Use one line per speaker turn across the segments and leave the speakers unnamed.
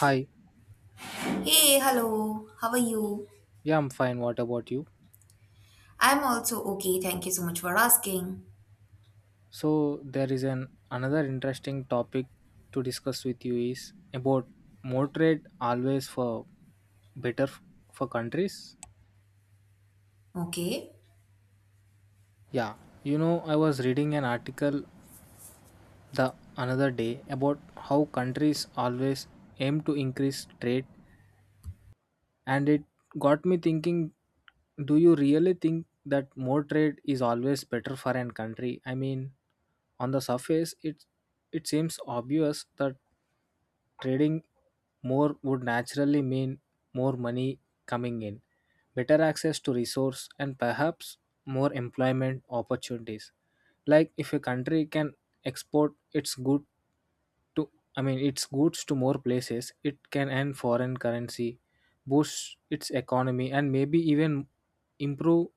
Hi,
Hey, hello. How are you?
yeah, I'm fine. What about you?
I'm also okay. Thank you so much for asking.
So there is an another interesting topic to discuss with you is about more trade always for better for countries.
Okay.
Yeah, you know I was reading an article the another day about how countries always aim to increase trade, and it got me thinking. Do you really think that more trade is always better for an country? I mean, on the surface, it seems obvious that trading more would naturally mean more money coming in, better access to resource, and perhaps more employment opportunities. Like if a country can export its good to, I mean, its goods to more places, it can earn foreign currency, boost its economy, and maybe even improve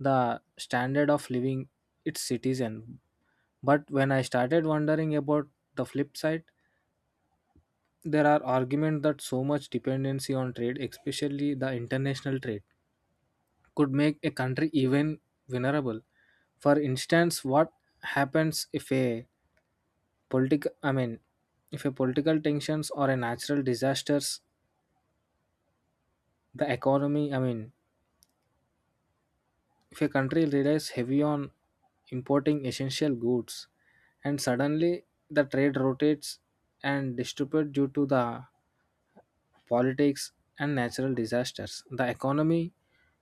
the standard of living its citizen. But when I started wondering about the flip side, there are arguments that so much dependency on trade, especially the international trade, could make a country even vulnerable. For instance, what happens if a political I mean, if a political tensions or a natural disasters the economy I mean, if a country relies heavy on importing essential goods and suddenly the trade rotates and distribute due to the politics, and natural disasters. The economy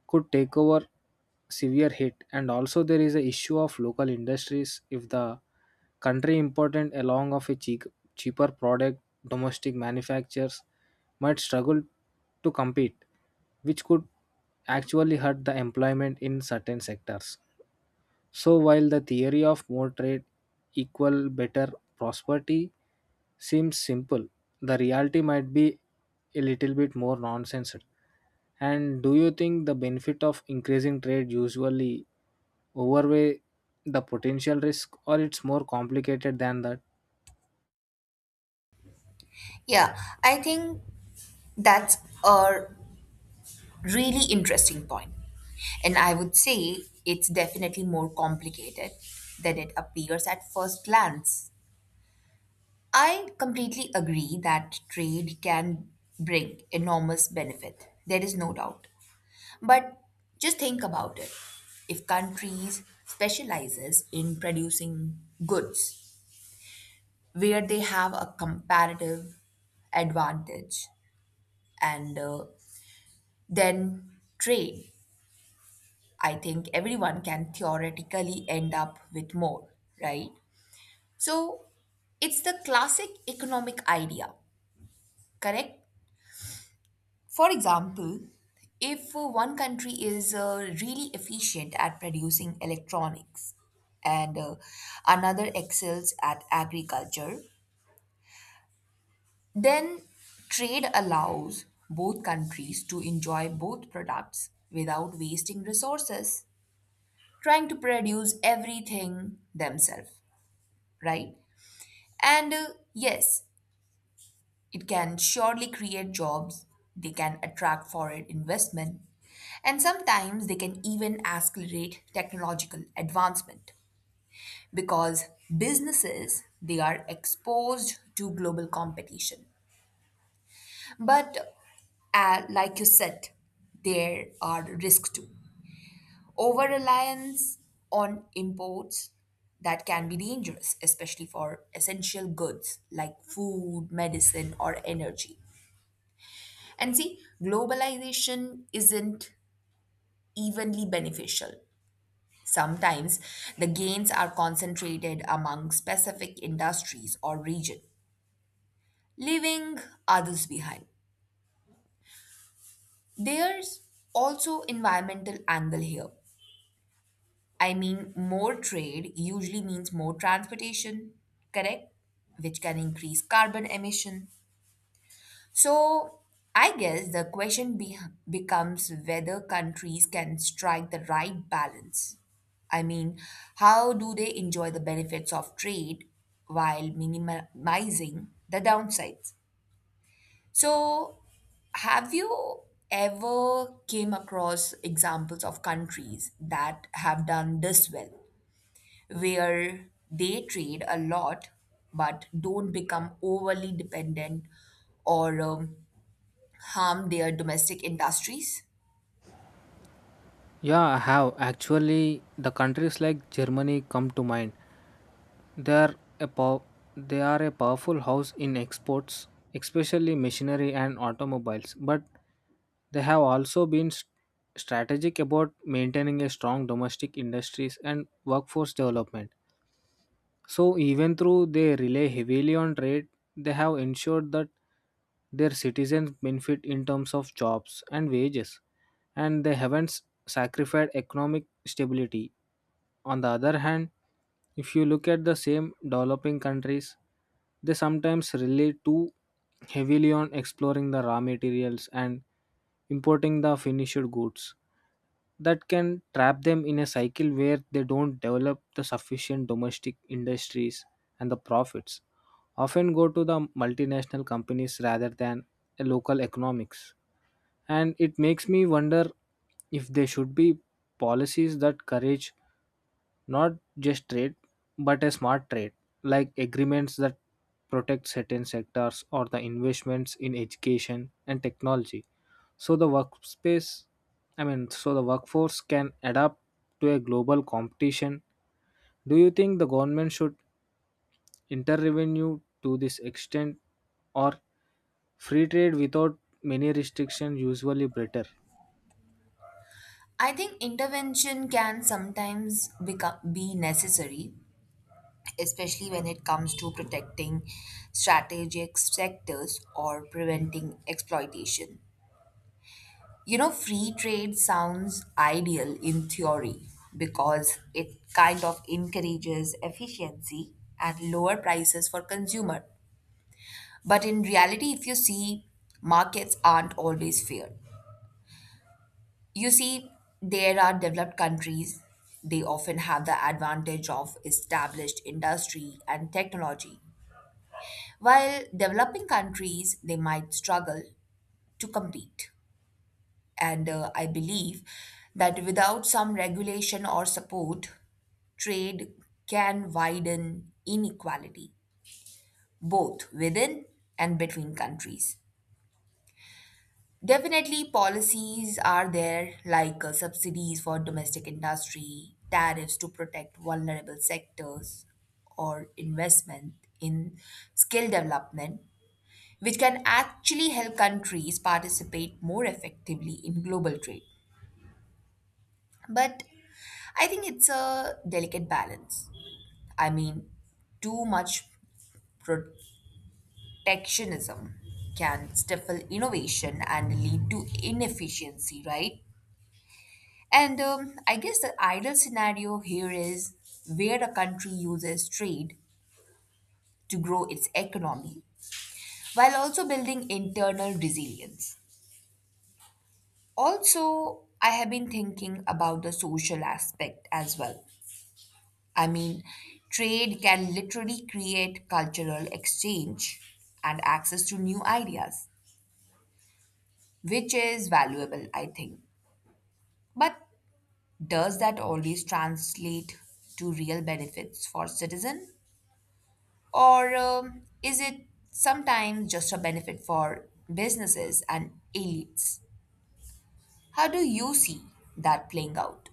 could take over severe hit, and also there is a issue of local industries. If the country important along of a cheaper product, domestic manufacturers might struggle to compete, which could actually hurt the employment in certain sectors. So, while the theory of more trade equal better prosperity seems simple, the reality might be a little bit more nonsense. And do you think the benefit of increasing trade usually overweigh the potential risk, or it's more complicated than that?
Yeah, I think that's a really interesting point. And I would say it's definitely more complicated than it appears at first glance. I completely agree that trade can bring enormous benefit. There is no doubt. But just think about it. If countries specializes in producing goods where they have a comparative advantage and then trade, I think everyone can theoretically end up with more, right? So it's the classic economic idea, correct? For example, if one country is really efficient at producing electronics and another excels at agriculture. Then, trade allows both countries to enjoy both products without wasting resources, trying to produce everything themselves, right? And yes, it can surely create jobs, they can attract foreign investment, and sometimes they can even accelerate technological advancement because businesses they are exposed to global competition, but like you said, there are risks too. Over reliance on imports, that can be dangerous, especially for essential goods like food, medicine, or energy. And see, globalization isn't evenly beneficial. Sometimes the gains are concentrated among specific industries or region, leaving others behind. There's also environmental angle here. I mean, more trade usually means more transportation, correct? Which can increase carbon emission. So, I guess the question becomes whether countries can strike the right balance. I mean, how do they enjoy the benefits of trade while minimizing the downsides? So, have you ever came across examples of countries that have done this well? Where they trade a lot but don't become overly dependent or harm their domestic industries.
Yeah, I have. Actually, the countries like Germany come to mind. They are a pow- they are a powerful house in exports, especially machinery and automobiles, but they have also been strategic about maintaining a strong domestic industries and workforce development. So even though they rely heavily on trade, they have ensured that their citizens benefit in terms of jobs and wages, and they haven't sacrificed economic stability. On the other hand, if you look at the same developing countries, they sometimes rely too heavily on exploring the raw materials and importing the finished goods that can trap them in a cycle where they don't develop the sufficient domestic industries, and the profits often go to the multinational companies rather than a local economics. And it makes me wonder if there should be policies that courage not just trade, but a smart trade, like agreements that protect certain sectors or the investments in education and technology. So I mean, so the workforce can adapt to a global competition. Do you think the government should intervene to this extent, or free trade without many restrictions usually better?
I think intervention can sometimes be necessary, especially when it comes to protecting strategic sectors or preventing exploitation. You know, free trade sounds ideal in theory because it kind of encourages efficiency and lower prices for consumer. But in reality, if you see, markets aren't always fair. You see, there are developed countries, they often have the advantage of established industry and technology, while developing countries, they might struggle to compete. And I believe that without some regulation or support, trade can widen inequality, both within and between countries. Definitely, policies are there like subsidies for domestic industry, tariffs to protect vulnerable sectors, or investment in skill development, which can actually help countries participate more effectively in global trade. But I think it's a delicate balance. I mean, too much protectionism can stifle innovation and lead to inefficiency, right? And I guess the ideal scenario here is where a country uses trade to grow its economy while also building internal resilience. Also, I have been thinking about the social aspect as well. I mean, trade can literally create cultural exchange and access to new ideas, which is valuable, I think. But does that always translate to real benefits for citizen? Or is it sometimes just a benefit for businesses and elites? How do you see that playing out?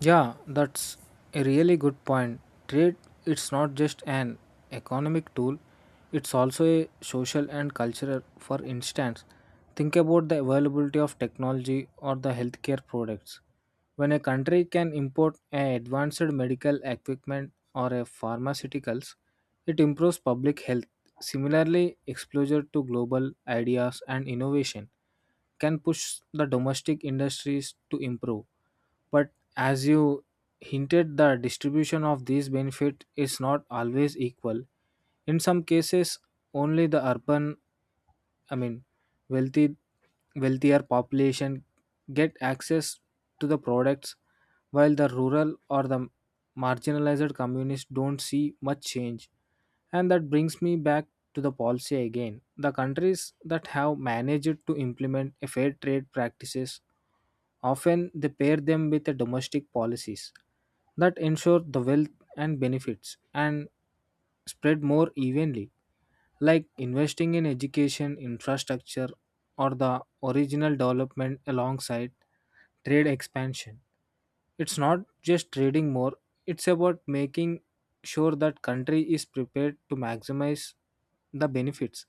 Yeah, that's a really good point. Trade, it's not just an economic tool, it's also a social and cultural. For instance, think about the availability of technology or the healthcare products. When a country can import a advanced medical equipment or a pharmaceuticals, it improves public health. Similarly, exposure to global ideas and innovation can push the domestic industries to improve. But as you hinted, the distribution of these benefits is not always equal. In some cases, only the urban I mean, wealthy, wealthier population get access to the products, while the rural or the marginalized communities don't see much change. And that brings me back to the policy again. The countries that have managed to implement a fair trade practices often they pair them with the domestic policies that ensure the wealth and benefits and spread more evenly, like investing in education, infrastructure, or the original development alongside trade expansion. It's not just trading more, it's about making sure that country is prepared to maximize the benefits.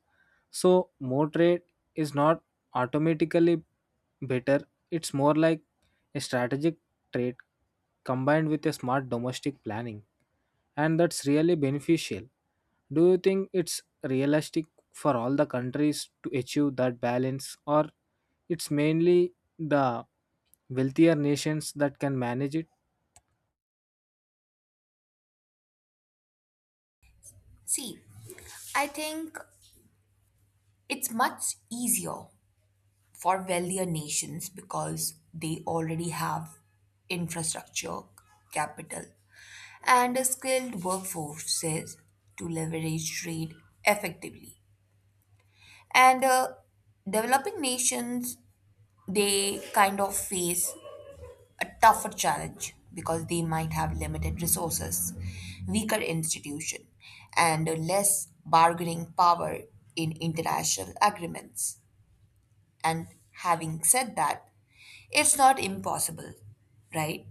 So more trade is not automatically better, it's more like a strategic trade combined with a smart domestic planning, and that's really beneficial. Do you think it's realistic for all the countries to achieve that balance, or it's mainly the wealthier nations that can manage it?
See, I think it's much easier for wealthier nations because they already have infrastructure, capital, and skilled workforces to leverage trade effectively. And developing nations, they kind of face a tougher challenge because they might have limited resources, weaker institution, and less bargaining power in international agreements. And having said that, it's not impossible, right?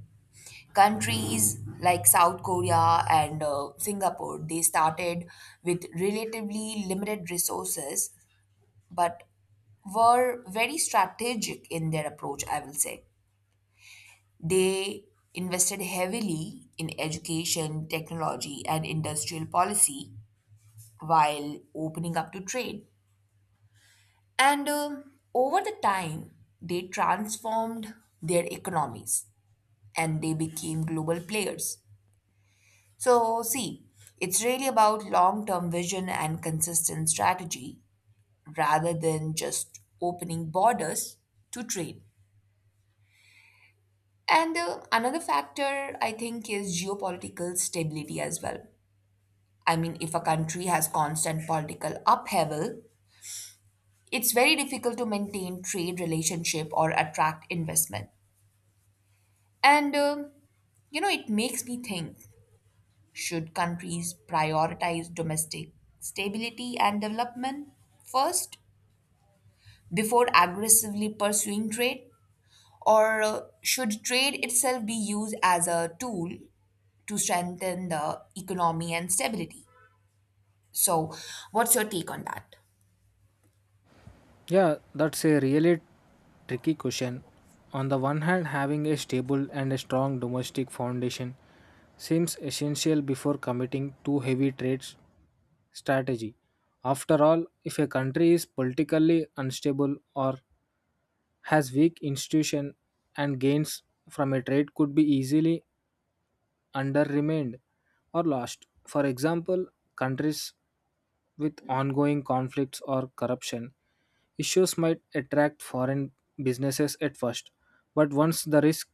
Countries like South Korea and Singapore, they started with relatively limited resources, but were very strategic in their approach, I will say. They invested heavily in education, technology, and industrial policy while opening up to trade. And over the time, they transformed their economies and they became global players. So, see, it's really about long term vision and consistent strategy rather than just opening borders to trade. And another factor I think is geopolitical stability as well. I mean, if a country has constant political upheaval, it's very difficult to maintain trade relationship or attract investment. And, um, you know, it makes me think should countries prioritize domestic stability and development first before aggressively pursuing trade? Or should trade itself be used as a tool to strengthen the economy and stability? So, what's your take on that?
Yeah, that's a really tricky question. On the one hand, having a stable and a strong domestic foundation seems essential before committing too heavy trade strategy. After all, if a country is politically unstable or has weak institution, and gains from a trade could be easily underremained or lost. For example, countries with ongoing conflicts or corruption issues might attract foreign businesses at first, but once the risks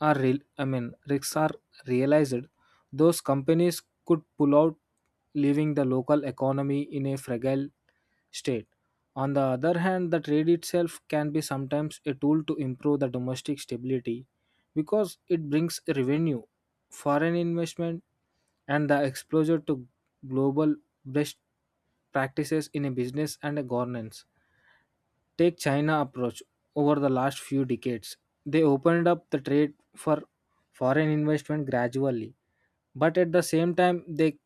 are real, I mean, risks are realized, those companies could pull out, leaving the local economy in a fragile state. On the other hand, the trade itself can be sometimes a tool to improve the domestic stability because it brings revenue, foreign investment, and the exposure to global best practices in a business and a governance. Take China approach over the last few decades. They opened up the trade for foreign investment gradually, but at the same time they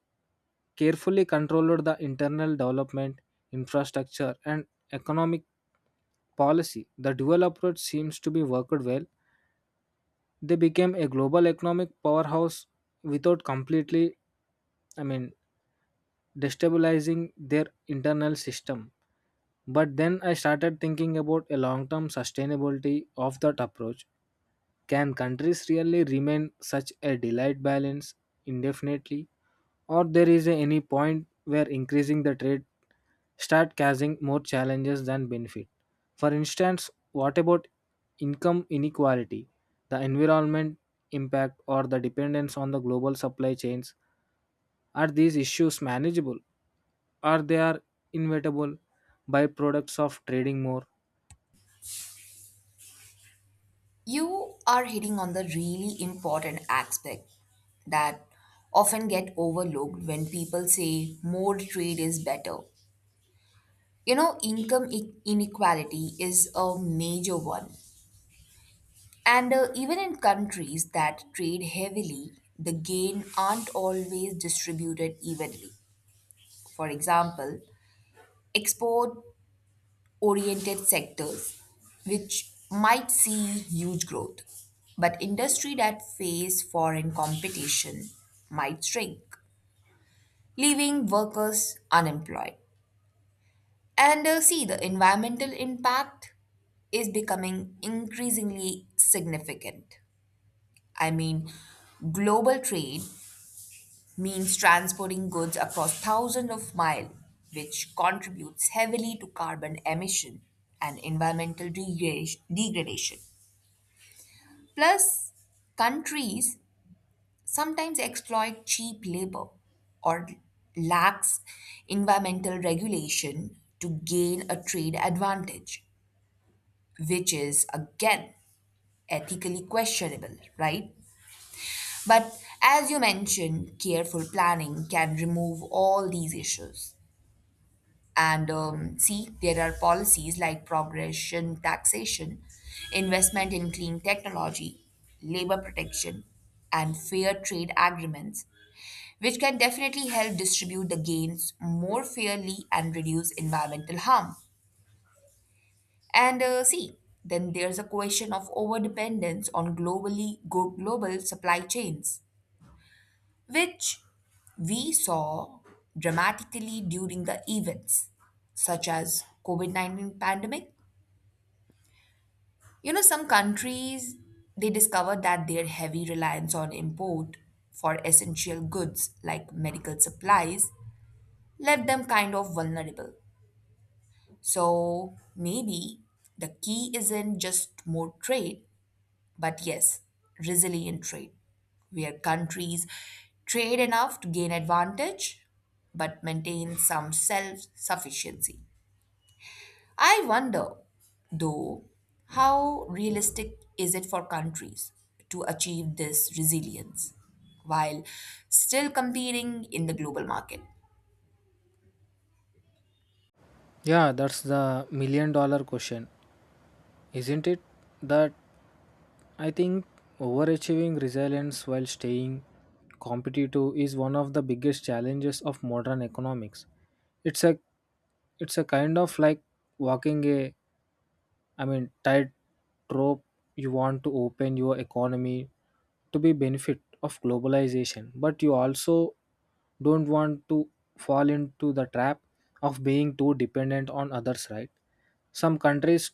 carefully controlled the internal development, infrastructure, and economic policy. The dual approach seems to be worked well. They became a global economic powerhouse without completely, I mean, destabilizing their internal system. But then I started thinking about a long term sustainability of that approach. Can countries really remain such a delayed balance indefinitely? Or there is any point where increasing the trade start causing more challenges than benefit? For instance, what about income inequality, the environment impact, or the dependence on the global supply chains? Are these issues manageable, or they are inevitable byproducts of trading more?
You are hitting on the really important aspect that often get overlooked when people say more trade is better. You know, income inequality is a major one. And even in countries that trade heavily, the gain aren't always distributed evenly. For example, export oriented sectors, which might see huge growth, but industry that face foreign competition might shrink, leaving workers unemployed. And see, the environmental impact is becoming increasingly significant. I mean, global trade means transporting goods across thousands of miles, which contributes heavily to carbon emission and environmental degradation. Plus, countries sometimes exploit cheap labor or lax environmental regulation to gain a trade advantage, which is again ethically questionable, right? But as you mentioned, careful planning can remove all these issues. And see, there are policies like progression taxation, investment in clean technology, labor protection, and fair trade agreements, which can definitely help distribute the gains more fairly and reduce environmental harm. And see, then there's a question of overdependence on global supply chains, which we saw dramatically during the events such as COVID-19 pandemic. You know, some countries they discovered that their heavy reliance on import for essential goods like medical supplies left them kind of vulnerable. So maybe the key isn't just more trade, but yes, resilient trade, where countries trade enough to gain advantage but maintain some self sufficiency. I wonder, though, how realistic is it for countries to achieve this resilience while still competing in the global market?
Yeah, that's the million dollar question, isn't it? That I think overachieving resilience while staying competitive is one of the biggest challenges of modern economics. It's a it's a kind of like walking a I mean, tightrope. You want to open your economy to be benefit of globalization, but you also don't want to fall into the trap of being too dependent on others, right? Some countries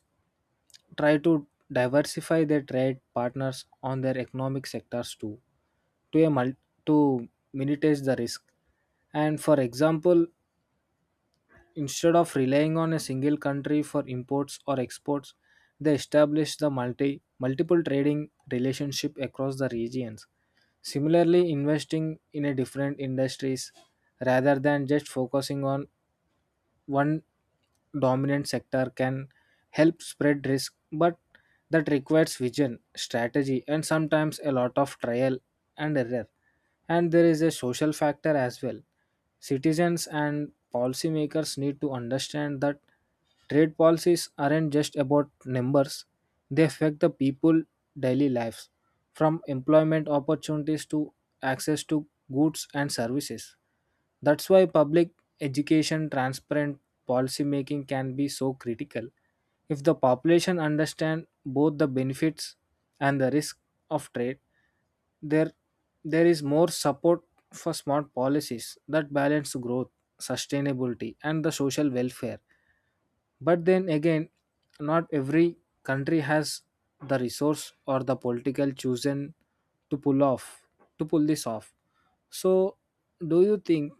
try to diversify their trade partners on their economic sectors too, to a mul- to minimize the risk. And for example, instead of relying on a single country for imports or exports, they established the multiple trading relationship across the regions. Similarly, investing in a different industries rather than just focusing on one dominant sector can help spread risk, but that requires vision, strategy, and sometimes a lot of trial and error. And there is a social factor as well. Citizens and policymakers need to understand that trade policies aren't just about numbers, they affect the people daily lives, from employment opportunities to access to goods and services. That's why public education, transparent policy making can be so critical. If the population understand both the benefits and the risk of trade, there there is more support for smart policies that balance growth, sustainability, and the social welfare. But then again, not every country has the resource or the political chosen to pull off to pull this off. So, do you think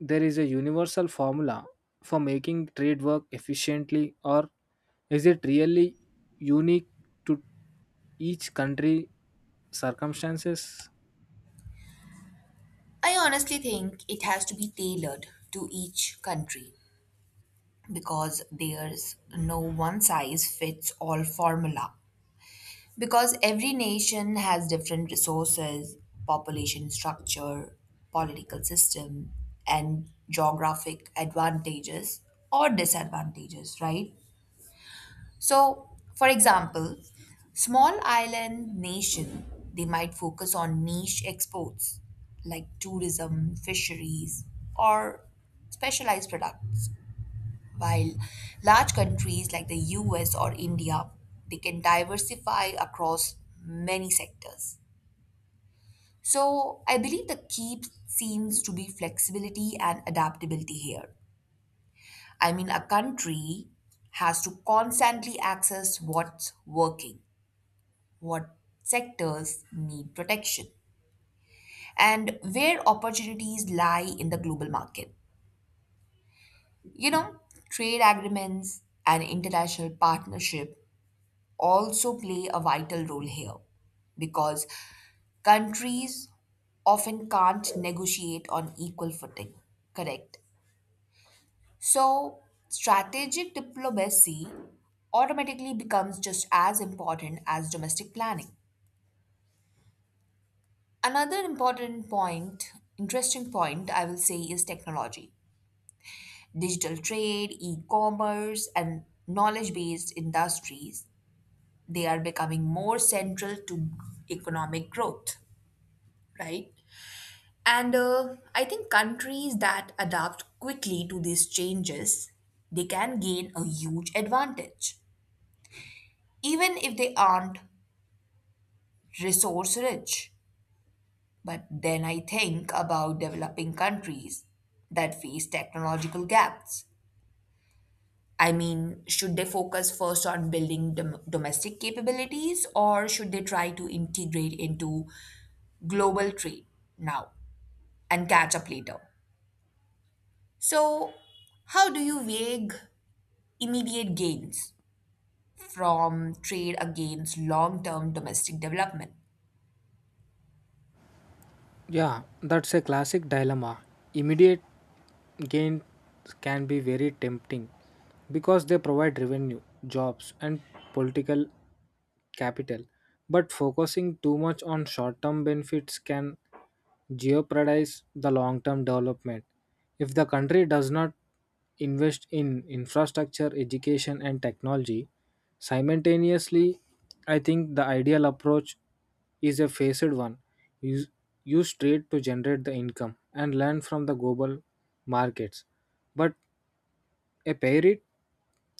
there is a universal formula for making trade work efficiently, or is it really unique to each country circumstances?
I honestly think it has to be tailored to each country because there's no one size fits all formula. Because every nation has different resources, population structure, political system, and geographic advantages or disadvantages, right? So, for example, small island nation, they might focus on niche exports like tourism, fisheries, or specialized products, while large countries like the US or India, they can diversify across many sectors. So I believe the key seems to be flexibility and adaptability here. I mean, a country has to constantly access what's working, what sectors need protection, and where opportunities lie in the global market. You know, trade agreements and international partnership also play a vital role here because countries often can't negotiate on equal footing, correct? So, strategic diplomacy automatically becomes just as important as domestic planning. Another important point, interesting point, I will say, is technology. Digital trade, e commerce, and knowledge based industries, they are becoming more central to economic growth, right? And I think countries that adapt quickly to these changes, they can gain a huge advantage, even if they aren't resource rich. But then I think about developing countries that face technological gaps. I mean, should they focus first on building domestic capabilities or should they try to integrate into global trade now and catch up later? So, how do you weigh immediate gains from trade against long term domestic development?
Yeah, that's a classic dilemma. Immediate gain can be very tempting because they provide revenue, jobs, and political capital, but focusing too much on short term benefits can jeopardize the long term development if the country does not invest in infrastructure, education, and technology simultaneously. I think the ideal approach is a phased one. Use, Use trade to generate the income and learn from the global markets, but a pair it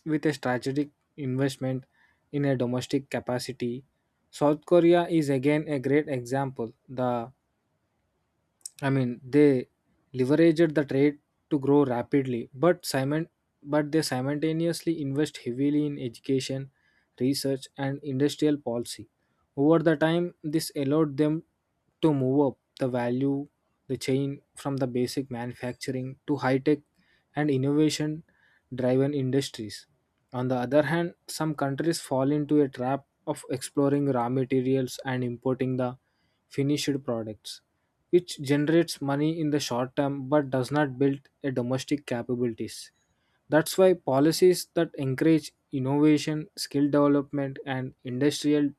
with a strategic investment in a domestic capacity. South Korea is again a great example. The I mean, they leveraged the trade to grow rapidly, but they simultaneously invest heavily in education, research, and industrial policy. Over the time, this allowed them to move up the chain from the basic manufacturing to high tech and innovation driven industries. On the other hand, some countries fall into a trap of exploring raw materials and importing the finished products, which generates money in the short term but does not build a domestic capabilities. That's why policies that encourage innovation, skill development, and industrial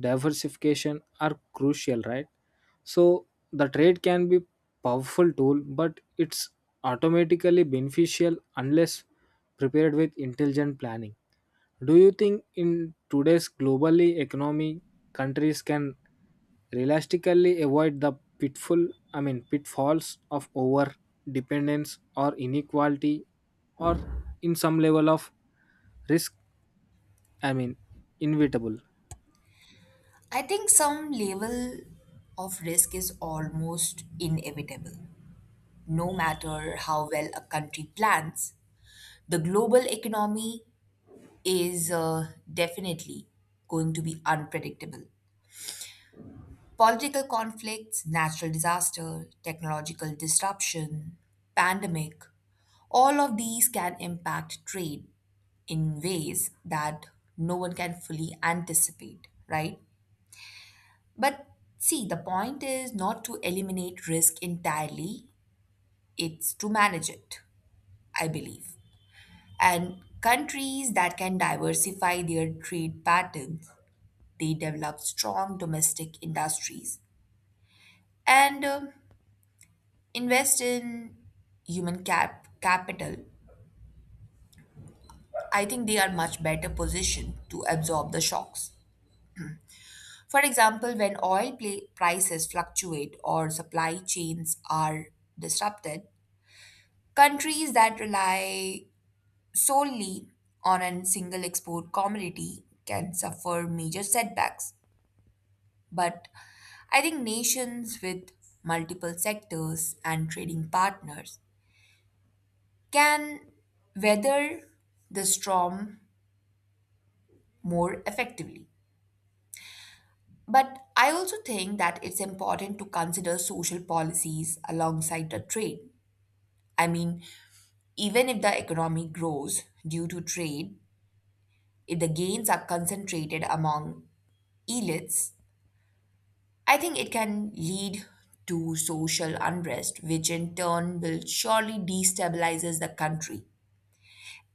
diversification are crucial, right? So the trade can be powerful tool, but it's automatically beneficial unless prepared with intelligent planning. Do you think in today's globally economy countries can realistically avoid the pitfall I mean, pitfalls of over dependence or inequality, or in some level of risk, I mean, inevitable?
I think some level of risk is almost inevitable. No matter how well a country plans, the global economy is definitely going to be unpredictable. Political conflicts, natural disaster, technological disruption, pandemic, all of these can impact trade in ways that no one can fully anticipate, right? But see, the point is not to eliminate risk entirely, it's to manage it, I believe. And countries that can diversify their trade patterns, they develop strong domestic industries and invest in human capital. I think they are much better positioned to absorb the shocks. For example, when oil prices fluctuate or supply chains are disrupted, countries that rely solely on a single export commodity can suffer major setbacks. But I think nations with multiple sectors and trading partners can weather the storm more effectively. But I also think that it's important to consider social policies alongside the trade. I mean, even if the economy grows due to trade, if the gains are concentrated among elites, I think it can lead to social unrest, which in turn will surely destabilizes the country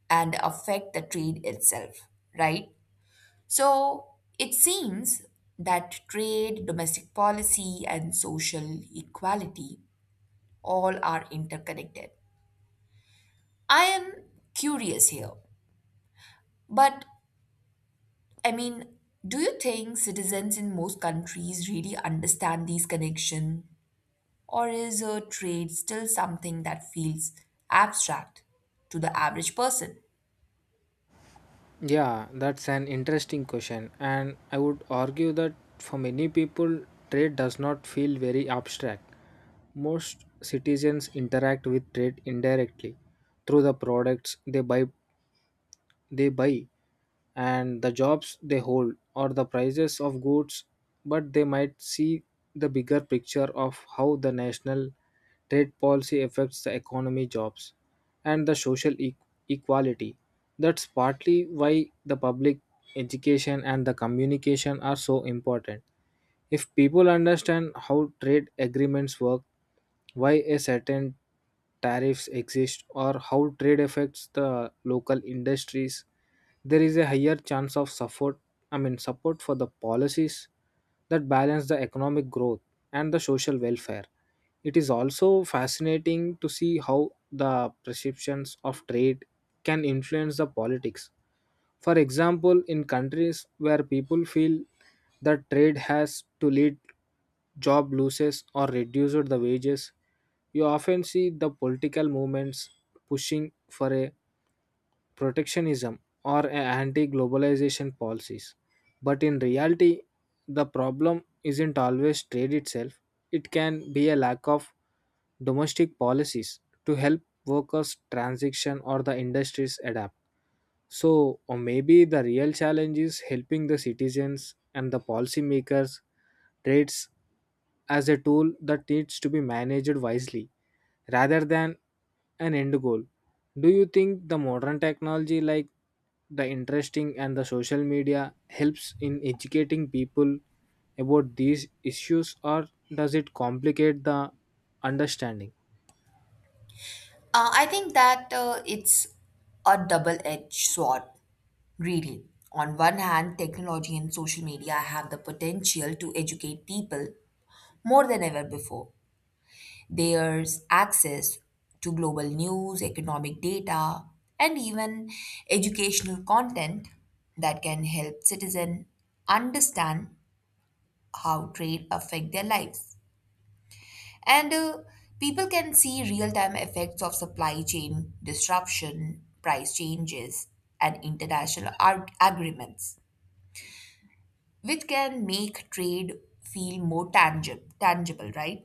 and affect the trade itself, right? So it seems that trade, domestic policy, and social equality all are interconnected. I am curious here, but I mean, do you think citizens in most countries really understand these connections? Or is a trade still something that feels abstract to the average person?
Yeah, that's an interesting question, and I would argue that for many people trade does not feel very abstract. Most citizens interact with trade indirectly through the products they buy and the jobs they hold or the prices of goods, but they might see the bigger picture of how the national trade policy affects the economy, jobs, and the social equality. That's partly why the public education and the communication are so important. If people understand how trade agreements work, why a certain tariffs exist, or how trade affects the local industries, there is a higher chance of support. I mean, support for the policies that balance the economic growth and the social welfare. It is also fascinating to see how the perceptions of trade can influence the politics. For example, in countries where people feel that trade has to lead job losses or reduce the wages, you often see the political movements pushing for a protectionism or anti globalization policies. But in reality, the problem isn't always trade itself, it can be a lack of domestic policies to help workers transition or the industries adapt. So, or maybe the real challenge is helping the citizens and the policymakers trades as a tool that needs to be managed wisely rather than an end goal. Do you think the modern technology like the interesting and the social media helps in educating people about these issues, or does it complicate the understanding?
I think that it's a double edged sword, really. On one hand, technology and social media have the potential to educate people more than ever before. There's access to global news, economic data, and even educational content that can help citizens understand how trade affect their lives. And people can see real-time effects of supply chain disruption, price changes, and international agreements, which can make trade feel more tangible, right?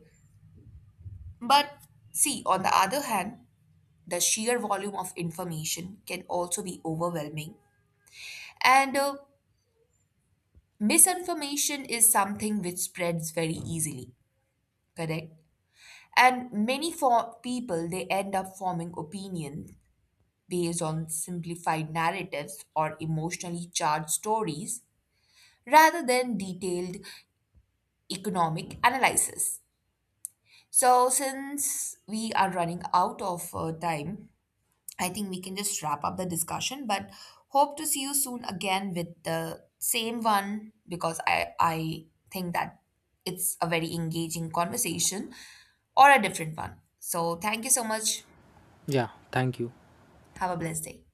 But see, on the other hand, the sheer volume of information can also be overwhelming, and misinformation is something which spreads very easily, correct? And many for people they end up forming opinions based on simplified narratives or emotionally charged stories rather than detailed economic analysis. So, since we are running out of time, I think we can just wrap up the discussion, but hope to see you soon again with the same one because I think that it's a very engaging conversation or a different one. So, thank you so much.
Yeah, thank you.
Have a blessed day.